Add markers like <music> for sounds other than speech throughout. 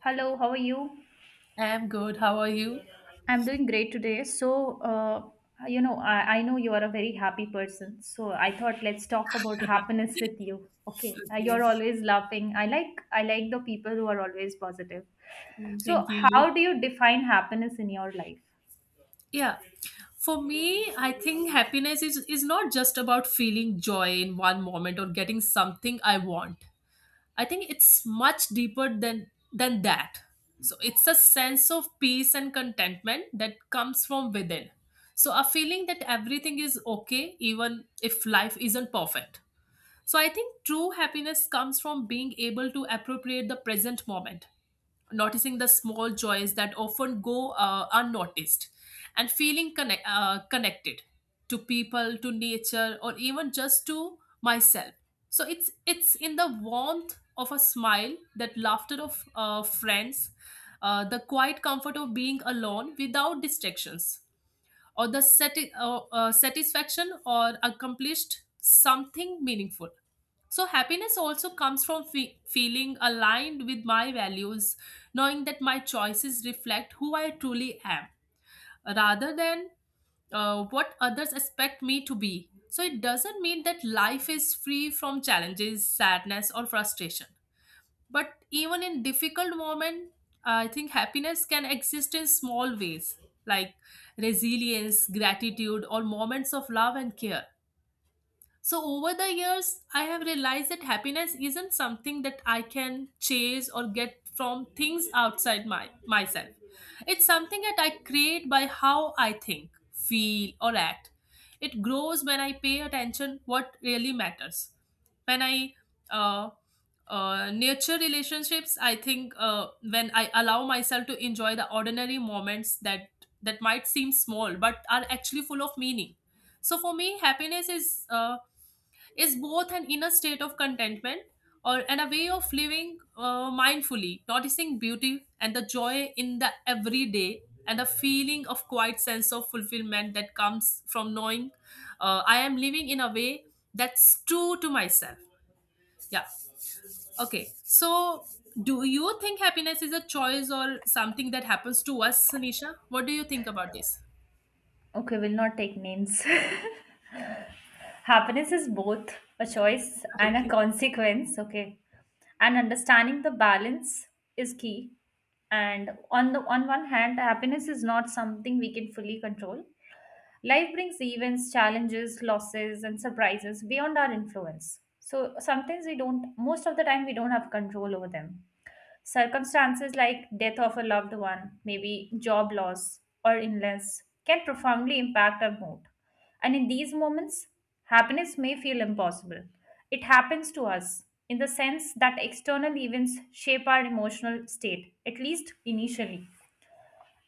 Hello, how are you? I'm good. How are you? I'm doing great today. I know you are a very happy person. So, I thought let's talk about happiness with you. Okay, Okay. you're always laughing. I like the people who are always positive. Mm, thank So, you. how do you define happiness in your life? Yeah. For me, I think happiness is not just about feeling joy in one moment or getting something I want. I think it's much deeper than that. So it's a sense of peace and contentment that comes from within. So a feeling that everything is okay even if life isn't perfect. So I think true happiness comes from being able to appropriate the present moment, noticing the small joys that often go unnoticed, and feeling connected to people, to nature, or even just to myself. So it's in the warmth of a smile, that laughter of friends, the quiet comfort of being alone without distractions or the satisfaction or accomplished something meaningful. So happiness also comes from feeling aligned with my values, knowing that my choices reflect who I truly am rather than what others expect me to be. So it doesn't mean that life is free from challenges, sadness, or frustration. But even in difficult moment, I think happiness can exist in small ways like resilience, gratitude, or moments of love and care. So, over the years, I have realized that happiness isn't something that I can chase or get from things outside myself. It's something that I create by how I think, feel, or act. It grows when I pay attention what really matters. When I uh, nurture relationships, I think when I allow myself to enjoy the ordinary moments that might seem small but are actually full of meaning. So for me, happiness is both an inner state of contentment or and a way of living mindfully, noticing beauty and the joy in the everyday, and a feeling of quiet sense of fulfillment that comes from knowing I am living in a way that's true to myself. Yeah. Okay. So, do you think happiness is a choice or something that happens to us, Nisha? What do you think about this? Okay, we'll not take names. <laughs> Happiness is both a choice and a <laughs> consequence, okay? And understanding the balance is key. And on one hand, happiness is not something we can fully control. Life brings events, challenges, losses, and surprises beyond our influence. So sometimes we don't, most of the time, we don't have control over them. Circumstances like death of a loved one, maybe job loss or illness, can profoundly impact our mood. And in these moments, happiness may feel impossible. It happens to us in the sense that external events shape our emotional state, at least initially.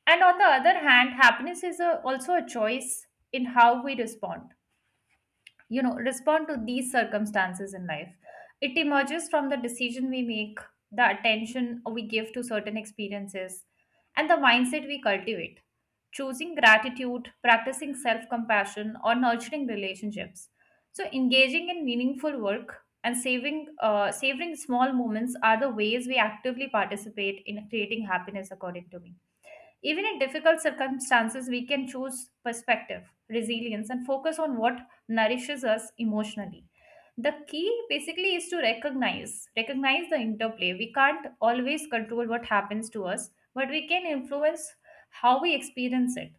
And on the other hand, also a choice in how we respond, you know, respond to these circumstances in life. It emerges from the decision we make, the attention we give to certain experiences, and the mindset we cultivate, choosing gratitude, practicing self-compassion, or nurturing relationships. So engaging in meaningful work and saving savoring small moments are the ways we actively participate in creating happiness, according to me. Even in difficult circumstances, we can choose perspective, resilience, and focus on what nourishes us emotionally. The key basically is to recognize the interplay. We can't always control what happens to us, but we can influence how we experience it.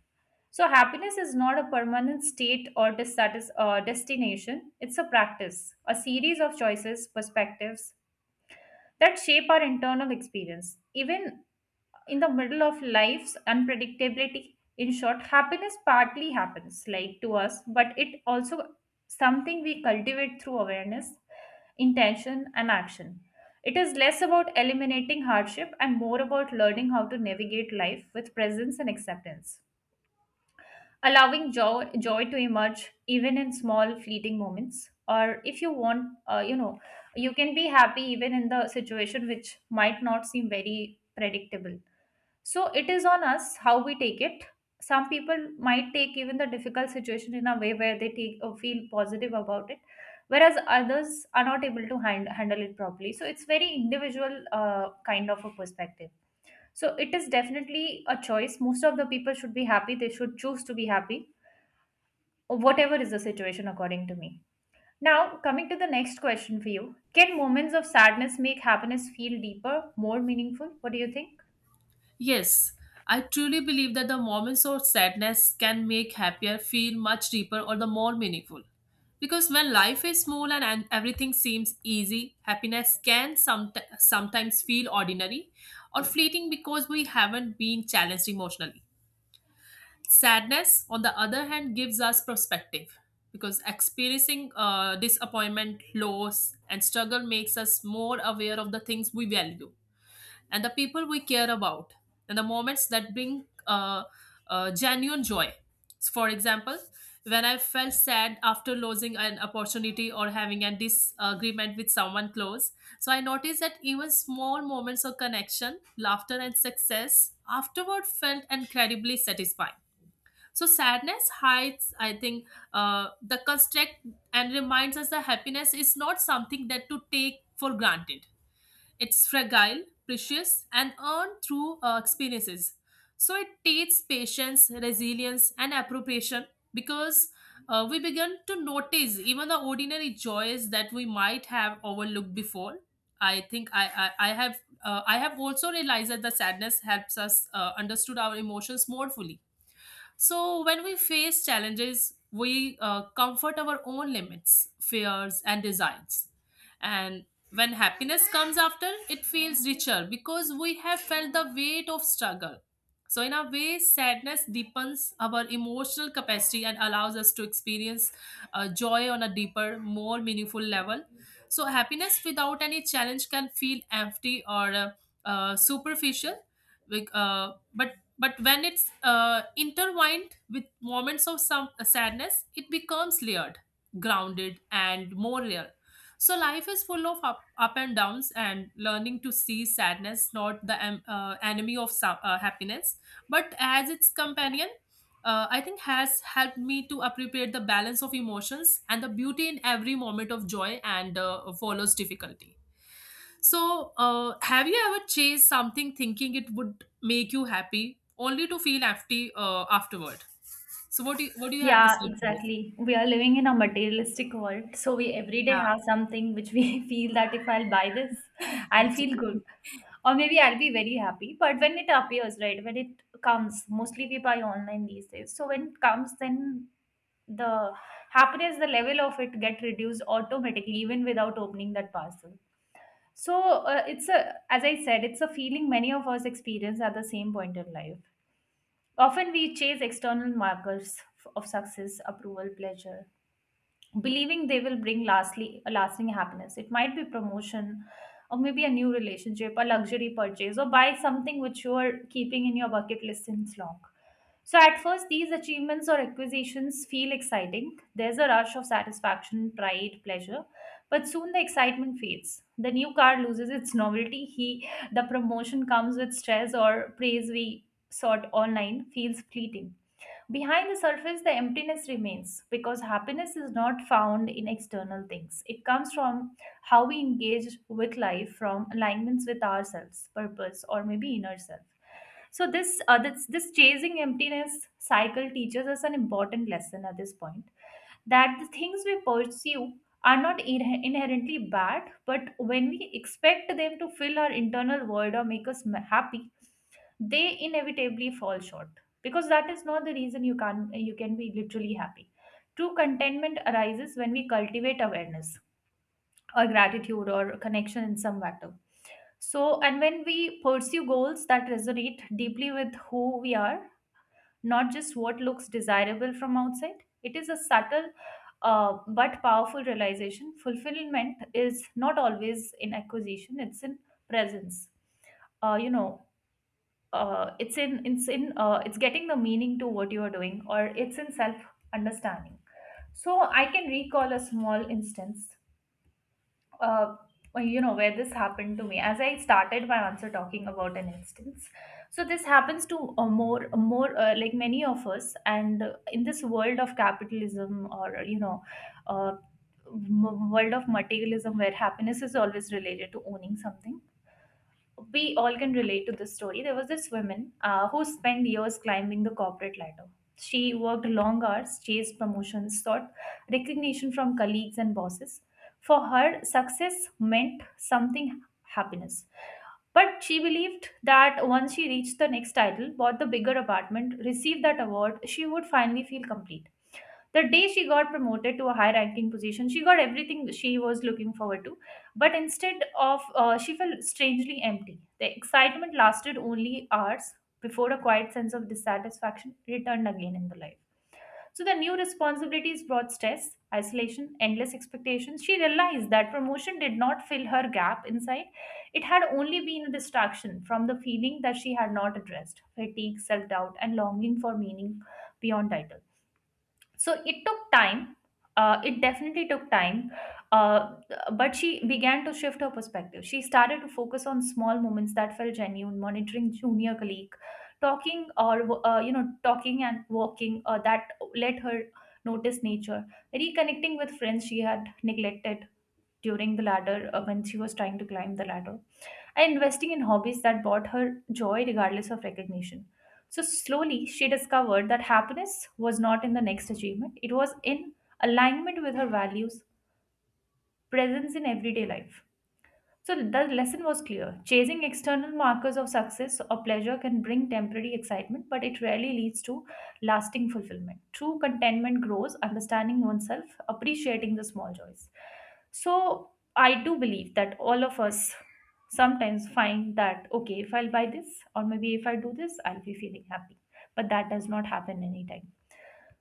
So happiness is not a permanent state or destination. It's a practice, a series of choices, perspectives that shape our internal experience, even in the middle of life's unpredictability. In short, happiness partly happens like to us, but it also something we cultivate through awareness, intention, and action. It is less about eliminating hardship and more about learning how to navigate life with presence and acceptance, allowing joy to emerge even in small fleeting moments. Or if you want, you can be happy even in the situation which might not seem very predictable, so it is on us how we take it. Some people might take even the difficult situation in a way where they take or feel positive about it, whereas others are not able to handle it properly. So it's very individual kind of a perspective. So it is definitely a choice. Most of the people should be happy. They should choose to be happy, or whatever is the situation, according to me. Now, coming to the next question for you, can moments of sadness make happiness feel deeper, more meaningful? What do you think? Yes, I truly believe that the moments of sadness can make happier feel much deeper or the more meaningful. Because when life is small and everything seems easy, happiness can sometimes feel ordinary or fleeting because we haven't been challenged emotionally. Sadness, on the other hand, gives us perspective because experiencing disappointment, loss, and struggle makes us more aware of the things we value and the people we care about and the moments that bring genuine joy. For example, when I felt sad after losing an opportunity or having a disagreement with someone close, so I noticed that even small moments of connection, laughter, and success afterward felt incredibly satisfying. So sadness hides, I think, the construct and reminds us that happiness is not something that to take for granted. It's fragile, precious, and earned through experiences. So it takes patience, resilience, and appropriation because we begin to notice even the ordinary joys that we might have overlooked before. I think I have also realized that the sadness helps us understood our emotions more fully so, when we face challenges, we comfort our own limits, fears, and desires. And when happiness comes after, it feels richer because we have felt the weight of struggle. So, in a way, sadness deepens our emotional capacity and allows us to experience joy on a deeper, more meaningful level. So happiness without any challenge can feel empty or superficial. Like, uh, but but when it's intertwined with moments of some sadness, it becomes layered, grounded, and more real. So life is full of up and downs, and learning to see sadness not the enemy of some, happiness, but as its companion. I think has helped me to appreciate the balance of emotions and the beauty in every moment of joy and follows difficulty. So, have you ever chased something thinking it would make you happy, only to feel empty afterward? So, what do what do you have to Yeah, say to this? exactly. We are living in a materialistic world, so we every day Yeah, have something which we <laughs> feel that if I'll buy this, I'll feel good, or maybe I'll be very happy. But when it appears, right, when it comes, mostly we buy online these days. So when it comes, then the happiness, the level of it get reduced automatically, even without opening that parcel. So as I said, it's a feeling many of us experience at the same point in life. Often we chase external of success, approval, pleasure, believing they will bring lastly a lasting happiness. It might be promotion, or maybe a new relationship, a luxury purchase, or buy something which you are keeping in your bucket list since long. So at first these achievements or acquisitions feel exciting. There's a rush of satisfaction, pride, pleasure, but soon the excitement fades, the new car loses its novelty he the promotion comes with stress or praise, we sought online feels fleeting. Behind the surface, the emptiness remains because happiness is not found in external things. It comes from how we engage with life, from alignments with ourselves, purpose, or maybe inner self. So this chasing emptiness cycle teaches us an important lesson at this point, that the things we pursue are not inherently bad, but when we expect them to fill our internal void or make us happy, they inevitably fall short, because that is not the reason you can be literally happy. True contentment arises when we cultivate awareness, or gratitude, or connection in some matter. So and when we pursue goals that resonate deeply with who we are, not just what looks desirable from outside. It is a subtle but powerful realization. Fulfillment is not always in acquisition, it's in presence. Uh, you know it's in it's in it's getting the meaning to what you are doing, or it's in self understanding. So I can recall a small instance. uh, where this happened to me, as I started my answer talking about an instance. So this happens to more more like many of us, and in this world of capitalism, or uh, world of materialism, where happiness is always related to owning something, we all can relate to this story. There was this woman who spent years climbing the corporate ladder. She worked long hours, chased promotions, sought recognition from colleagues and bosses. For her, success meant something happiness. But she believed that once she reached the next title, bought the bigger apartment, received that award, she would finally feel complete. The day she got promoted to a high ranking position, she got everything she was looking forward to. But she felt strangely empty. The excitement lasted only hours before a quiet sense of dissatisfaction returned again in the life. So the new responsibilities brought stress, isolation, endless expectations. She realized that promotion did not fill her gap inside. It had only been a distraction from the feeling that she had not addressed fatigue, self doubt, and longing for meaning beyond titles. So it took time. It definitely took time. uh, but she began to shift her perspective. She started to focus on small moments that felt genuine, monitoring junior colleague talking, or, talking and walking, that let her notice nature, reconnecting with friends she had neglected during the ladder when she was trying to climb the ladder, and investing in hobbies that brought her joy regardless of recognition. So, slowly, she discovered that happiness was not in the next achievement, it was in alignment with her values, presence in everyday life. So the lesson was clear. Chasing external markers of success or pleasure can bring temporary excitement, but it rarely leads to lasting fulfillment. True contentment grows understanding oneself, appreciating the small joys. So I do believe that all of us sometimes find that okay, if I'll buy this or maybe if I do this, I'll be feeling happy. But that does not happen anytime.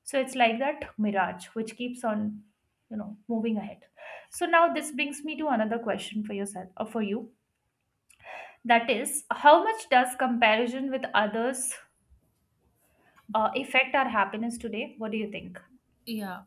So it's like that mirage which keeps on, you know, moving ahead. So now this brings me to another question for yourself or for you. That is, how much does comparison with others affect our happiness today? What do you think? <laughs> yeah.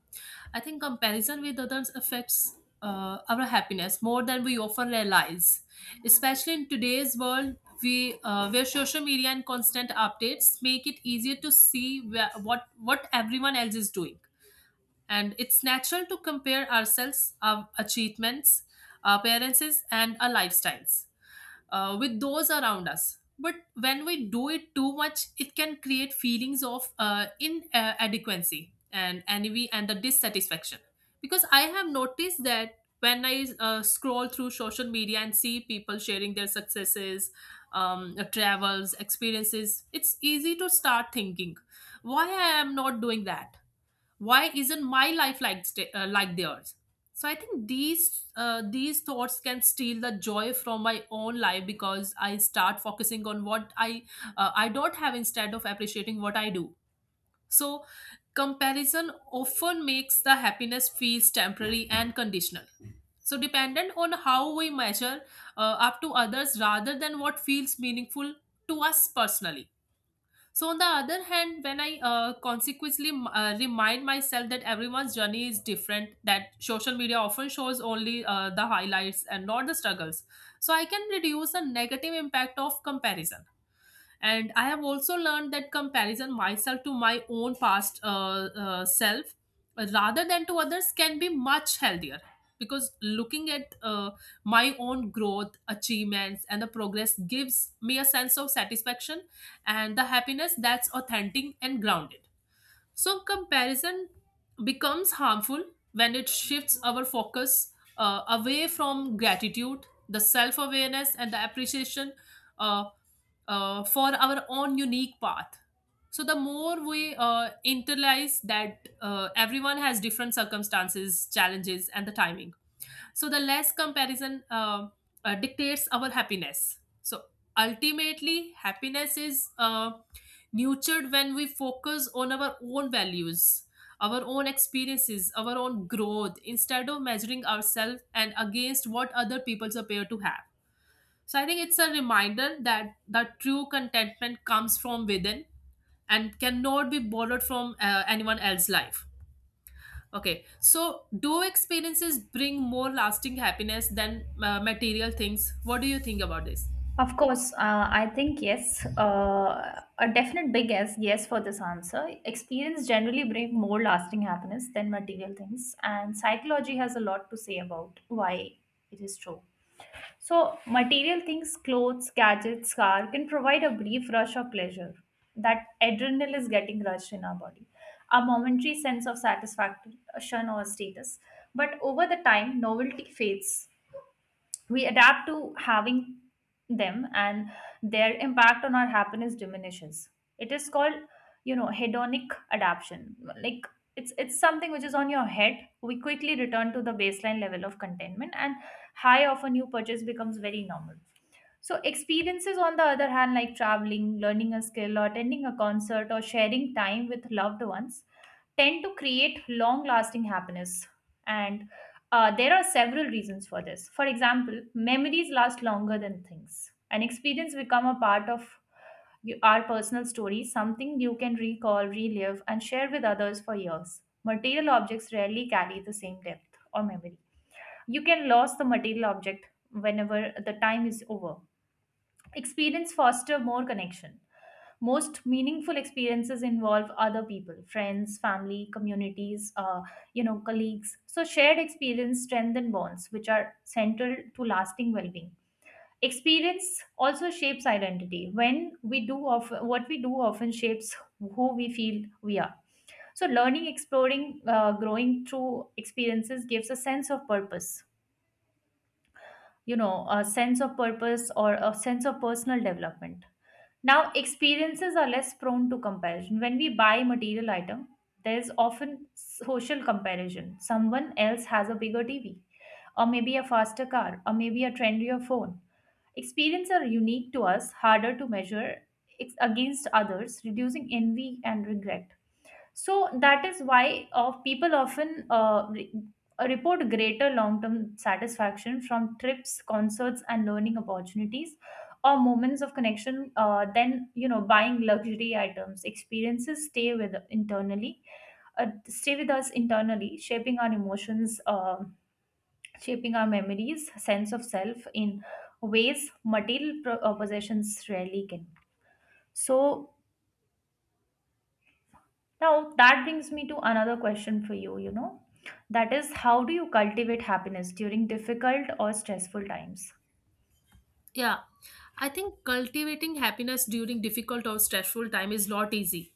I think comparison with others affects our happiness more than we often realize, especially in today's world. Where social media and constant updates make it easier to see what everyone else is doing. And it's natural to compare ourselves, our achievements, our appearances, and our lifestyles with those around us. But when we do it too much, it can create feelings of inadequacy and envy and the dissatisfaction. Because I have noticed that when I scroll through social media and see people sharing their successes, travels, experiences, it's easy to start thinking, why I am not doing that? Why isn't my life like like theirs? So I think these thoughts can steal the joy from my own life because I start focusing on what I I don't have instead of appreciating what I do. So comparison often makes the happiness feels temporary and conditional, so dependent on how we measure up to others rather than what feels meaningful to us personally. So, on the other hand, when I consequently remind myself that everyone's journey is different, that social media often shows only the highlights and not the struggles, so I can reduce the negative impact of comparison. And I have also learned that comparison myself to my own past self rather than to others can be much healthier, because looking at my own growth achievements and the progress gives me a sense of satisfaction and the happiness that's authentic and grounded. So comparison becomes harmful when it shifts our focus away from gratitude the self-awareness and the appreciation uh, for our own unique path. So the more we internalize that everyone has different circumstances, challenges, and the timing, so the less comparison dictates our happiness. So ultimately, happiness is nurtured when we focus on our own values, our own experiences, our own growth, instead of measuring ourselves and against what other people appear to have. So I think it's a reminder that the true contentment comes from within and cannot be borrowed from anyone else's life. Okay, so do experiences bring more lasting happiness than material things? What do you think about this? Of course, I think yes. A definite big yes, yes for this answer. Experience generally bring more lasting happiness than material things, and psychology has a lot to say about why it is true. So, material things, clothes, gadgets, car can provide a brief rush of pleasure. That adrenaline is getting rushed in our body, a momentary sense of satisfaction or status. But over the time, novelty fades, we adapt to having them, and their impact on our happiness diminishes. It is called, you know, hedonic adaptation. Like, it's something which is on your head. We quickly return to the baseline level of contentment, and high of a new purchase becomes very normal. So, experiences, on the other hand, like traveling, learning a skill, or attending a concert, or sharing time with loved ones, tend to create long lasting happiness. And there are several reasons for this. For example, memories last longer than things. An experience become a part of our personal story, something you can recall, relive, and share with others for years. Material objects rarely carry the same depth or memory. You can lose the material object whenever the time is over. Experience foster more connection. Most meaningful experiences involve other people, friends, family, communities, colleagues. So shared experience strengthen bonds, which are central to lasting well-being. Experience also shapes identity. When we do of what we do often shapes who we feel we are. So learning, exploring, growing through experiences gives a sense of purpose, you know, a sense of purpose or a sense of personal development. Now, experiences are less prone to comparison. When we buy material item, there is often social comparison. Someone else has a bigger TV, or maybe a faster car, or maybe a trendier phone. Experiences are unique to us, harder to measure against others, reducing envy and regret. So that is why of people often report greater long-term satisfaction from trips, concerts, and learning opportunities, or moments of connection, than buying luxury items. Experiences stay with internally, stay with us internally, shaping our emotions, shaping our memories, sense of self in ways material possessions rarely can. So. Now, that brings me to another question for you, you know. That is, how do you cultivate happiness during difficult or stressful times? Yeah, I think cultivating happiness during difficult or stressful time is not easy.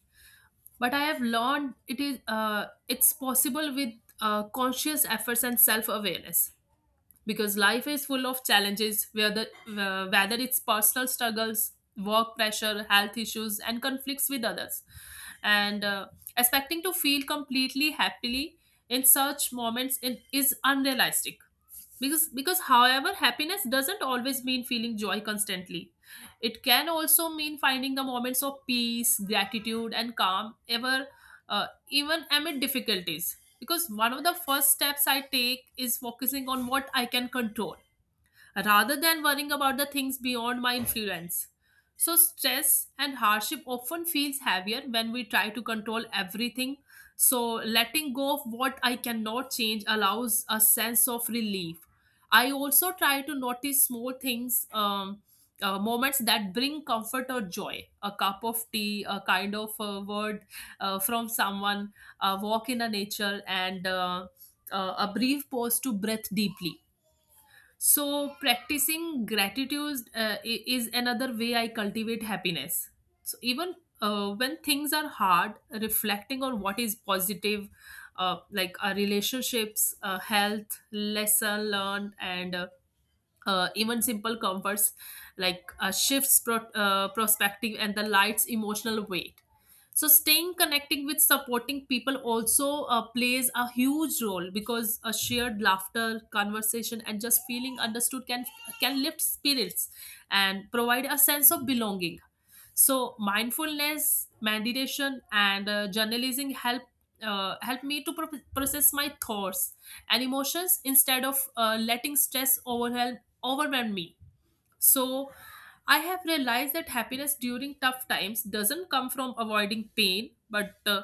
But I have learned it is it's possible with conscious efforts and self awareness, because life is full of challenges whether it's personal struggles work pressure health issues and conflicts with others. And expecting to feel completely happily in such is unrealistic. Because however happiness doesn't always mean feeling joy constantly. It can also mean finding the moments of peace gratitude and calm ever even amid difficulties. Because one of the first steps I take is focusing on what I can control rather than worrying about the things beyond my influence. So, stress and hardship often feels heavier when we try to control everything. So, letting go of what I cannot change allows a sense of relief. I also try to notice small things, moments that bring comfort or joy. A cup of tea, a kind of word from someone, a walk in a nature, and a brief pause to breathe deeply. So practicing gratitude is another way I cultivate happiness. So even when things are hard, reflecting on what is positive, like our relationships, health, lesson learned, and even simple comforts like perspective and the light's emotional weight. So staying connecting with supporting people also plays a huge role because a shared laughter conversation and just feeling understood can lift spirits and provide a sense of belonging. So mindfulness meditation and journalism help help me to process my thoughts and emotions instead of letting stress overwhelmed me. So I have realized that happiness during tough times doesn't come from avoiding pain, but uh,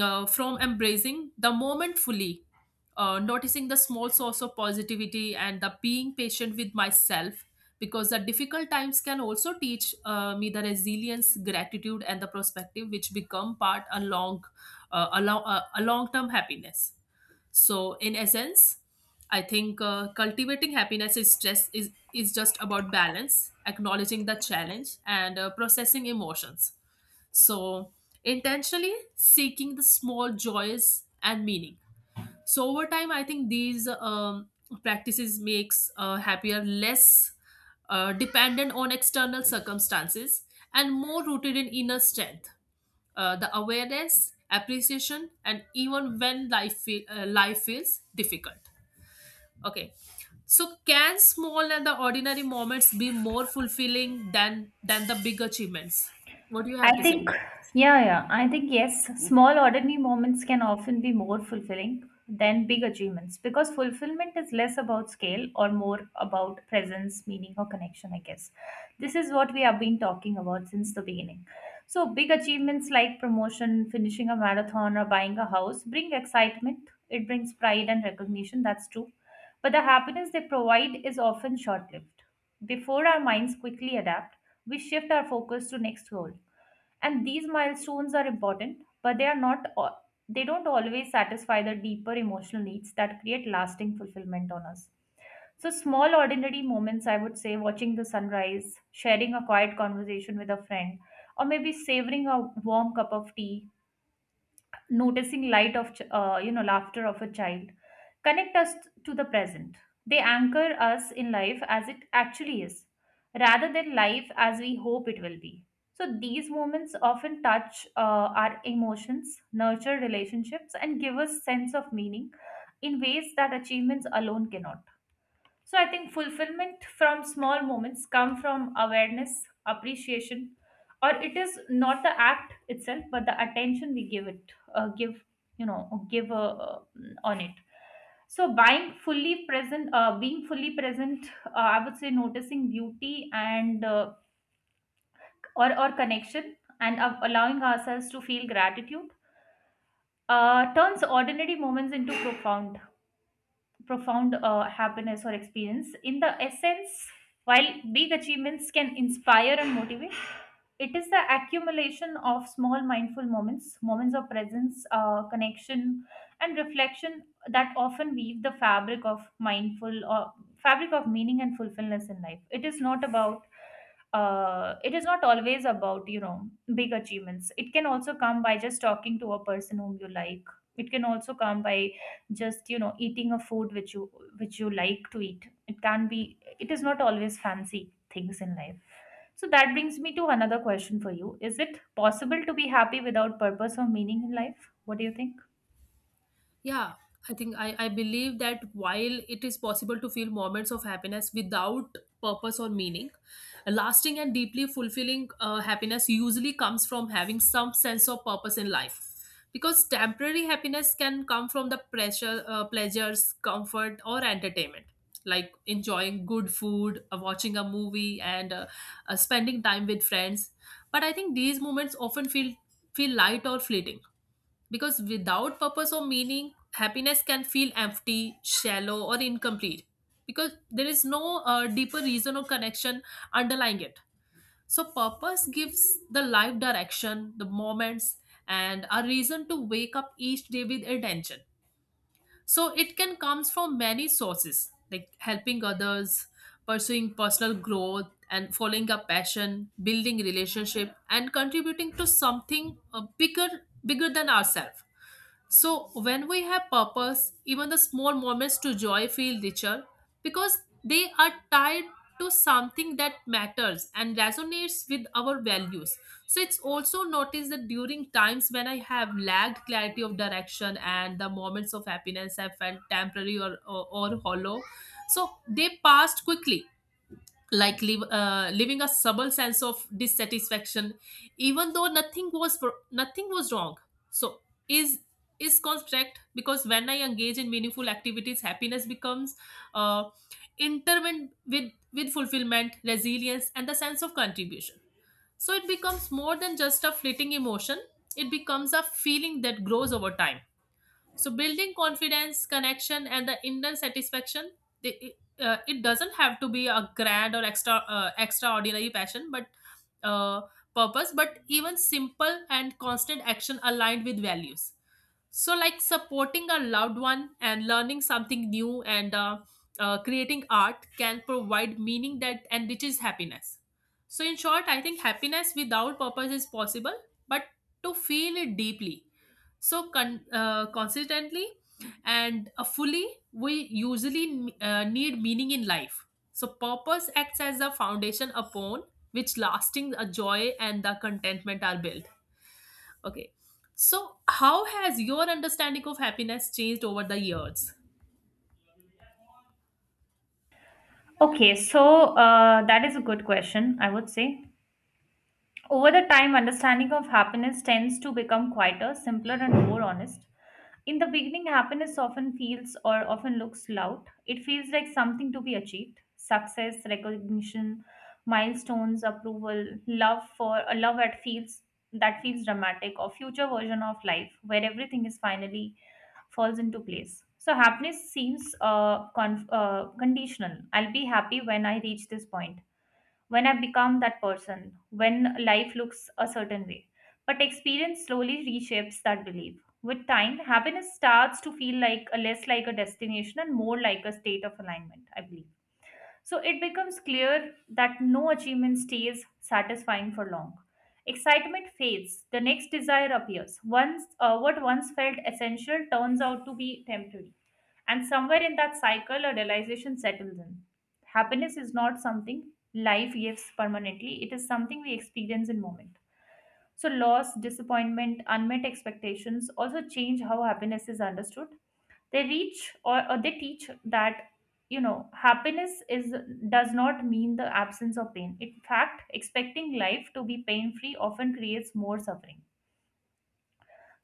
uh, from embracing the moment fully, noticing the small source of positivity and the being patient with myself. Because the difficult times can also teach me the resilience, gratitude, and the perspective, which become part along a long term happiness. So, in essence, I think cultivating happiness is stress is just about balance, acknowledging the challenge, and processing emotions. So, intentionally seeking the small joys and meaning. So, over time, I think these practices makes happier less dependent on external circumstances and more rooted in inner strength the awareness appreciation and even when life feels difficult. Okay, so can small and the ordinary moments be more fulfilling than the big achievements? What do you have I to say think, about? yeah, yeah, I think yes, small ordinary moments can often be more fulfilling than big achievements, because fulfillment is less about scale or more about presence, meaning, or connection, I guess. This is what we have been talking about since the beginning. So, big achievements like promotion, finishing a marathon, or buying a house bring excitement, it brings pride and recognition, that's true. But the happiness they provide is often short lived. Before our minds quickly adapt, we shift our focus to next goal, and these milestones are important, but they are not they don't always satisfy the deeper emotional needs that create lasting fulfillment on us. So small ordinary moments, I would say, watching the sunrise, sharing a quiet conversation with a friend, or maybe savoring a warm cup of tea, noticing light of laughter of a child, connect us to the present. They anchor us in life as it actually is, rather than life as we hope it will be. So these moments often touch, our emotions, nurture relationships, and give us sense of meaning in ways that achievements alone cannot. So I think fulfillment from small moments come from awareness, appreciation, or it is not the act itself, but the attention we give it, give you know, give on it. So being fully present, I would say, noticing beauty and, or connection, and, allowing ourselves to feel gratitude, turns ordinary moments into profound happiness or experience. In the essence, while big achievements can inspire and motivate, it is the accumulation of small mindful moments, moments of presence, connection, and reflection, that often weave the fabric of mindful or fabric of meaning and fulfillment in life. It is not about it is not always about big achievements. It can also come by just talking to a person whom you like. It can also come by just eating a food which you like to eat. It can be, it is not always fancy things in life. So that brings me to another question for you: is it possible to be happy without purpose or meaning in life? What do you think? Yeah, I think I believe that while it is possible to feel moments of happiness without purpose or meaning, lasting and deeply fulfilling happiness usually comes from having some sense of purpose in life. Because temporary happiness can come from the pressure, pleasures, comfort, or entertainment, like enjoying good food, watching a movie, and spending time with friends. But I think these moments often feel light or fleeting because without purpose or meaning, happiness can feel empty, shallow, or incomplete. Because there is no deeper reason or connection underlying it. So, purpose gives the life direction, the moments, and a reason to wake up each day with attention. So, it can comes from many sources like helping others, pursuing personal growth, and following a passion, building relationship, and contributing to something bigger than ourselves. So, when we have purpose, even the small moments to joy feel richer because they are tied to something that matters and resonates with our values. So, it's also noticed that during times when I have lacked clarity of direction and the moments of happiness have felt temporary or hollow, so they passed quickly like leaving a subtle sense of dissatisfaction even though nothing was wrong. So is is correct because when I engage in meaningful activities happiness becomes uh, intertwined with fulfillment resilience and the sense of contribution. So it becomes more than just a fleeting emotion. It becomes a feeling that grows over time, so building confidence connection and the inner satisfaction. they, it doesn't have to be a grand or extra extraordinary passion but uh, purpose but even simple and constant action aligned with values, so like supporting a loved one and learning something new and creating art can provide meaning that enriches happiness. So in short I think happiness without purpose is possible, but to feel it deeply so consistently and fully we usually need meaning in life. So purpose acts as a foundation upon which lasting a joy and the contentment are built. Okay. So, how has your understanding of happiness changed over the years? Okay, so, that is a good question. I would say over the time, understanding of happiness tends to become quieter, simpler, and more honest. In the beginning, happiness often feels or often looks loud. It feels like something to be achieved: success, recognition, milestones, approval, love, for a love that feels dramatic, or future version of life where everything is finally falls into place. So happiness seems conditional. I'll be happy when I reach this point, when I become that person, when life looks a certain way. But experience slowly reshapes that belief. With time, happiness starts to feel like less like a destination and more like a state of alignment, I believe. So it becomes clear that no achievement stays satisfying for long. Excitement fades, the next desire appears. What once felt essential turns out to be temporary. And somewhere in that cycle, a realization settles in. Happiness is not something life gives permanently, it is something we experience in moment. So, loss, disappointment, unmet expectations also change how happiness is understood. They reach or, or they teach that happiness is does not mean the absence of pain. In fact, expecting life to be pain free often creates more suffering.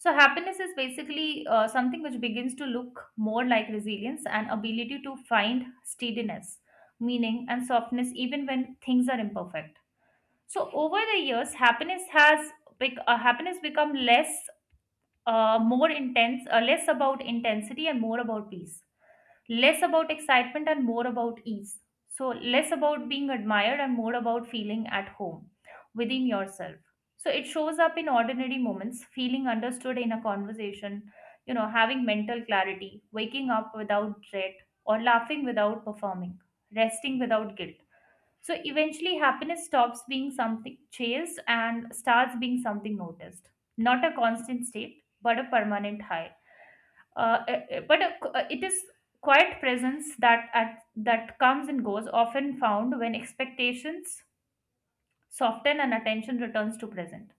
So happiness is basically, something which begins to look more like resilience and ability to find steadiness, meaning, and softness, even when things are imperfect. So over the years happiness has bec- happiness become less more intense, less about intensity and more about peace, less about excitement and more about ease. So, less about being admired and more about feeling at home within yourself. So, it shows up in ordinary moments, feeling understood in a conversation, having mental clarity, waking up without dread, or laughing without performing, resting without guilt. So, eventually, happiness stops being something chased and starts being something noticed. Not a constant state, but a permanent high, but it is quiet presence that comes and goes, often found when expectations soften and attention returns to present.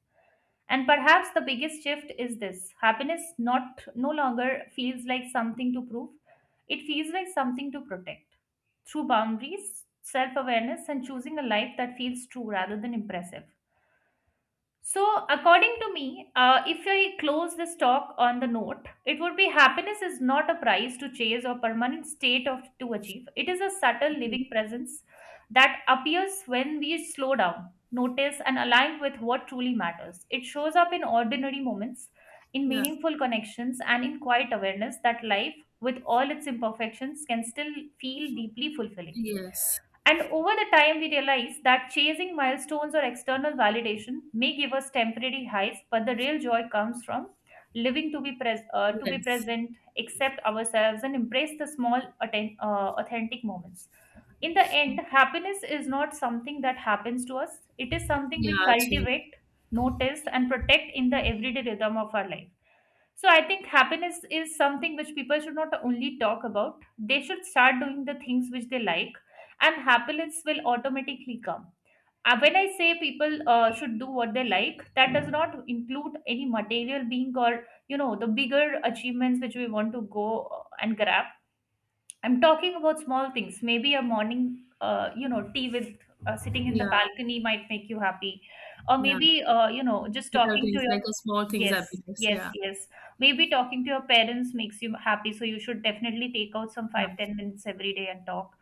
And perhaps the biggest shift is this: happiness not no longer feels like something to prove, it feels like something to protect through boundaries, self-awareness, and choosing a life that feels true rather than impressive. So, according to me, if I close this talk on the note, it would be: happiness is not a prize to chase or permanent state of to achieve. It is a subtle living presence that appears when we slow down, notice, and align with what truly matters. It shows up in ordinary moments, in Yeah, meaningful connections, and in quiet awareness that life, with all its imperfections, can still feel deeply fulfilling. yes, And over the time, we realize that chasing milestones or external validation may give us temporary highs, but the real joy comes from living to to be yes. present, accept ourselves, and embrace the small, authentic moments. In the end, happiness is not something that happens to us; it is something Yeah, we actually, cultivate, notice, and protect in the everyday rhythm of our life. So I think happiness is something which people should not only talk about. They should start doing the things which they like, and happiness will automatically come. When I say people should do what they like, that does not include any material being or the bigger achievements which we want to go and grab. I'm talking about small things. Maybe a morning, tea with, sitting in the yeah, balcony might make you happy, or yeah. maybe just Little talking to things your. like a small things Yes, happiness. yes, Yeah, yes. Maybe talking to your parents makes you happy, so you should definitely take out some 5, yeah. 10 minutes every day and talk.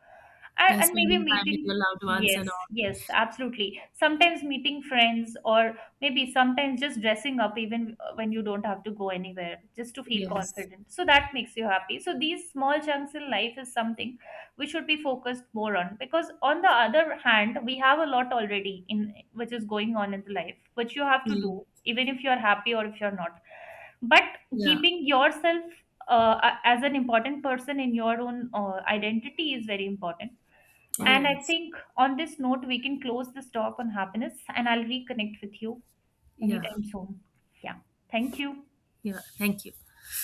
And, Yeah, and maybe spending time with your meeting, loved ones yes, and all. yes, absolutely. Sometimes meeting friends, or maybe sometimes just dressing up, even when you don't have to go anywhere, just to feel Yes, confident. So that makes you happy. So these small chunks in life is something we should be focused more on, because on the other hand we have a lot already in, which is going on in the life, which you have to yeah, do even if you're happy or if you're not. But yeah, keeping yourself, as an important person in your own, identity is very important. And I yes, think on this note we can close this talk on happiness, and I'll reconnect with you yeah, anytime soon. Yeah. Thank you. yeah. Thank you.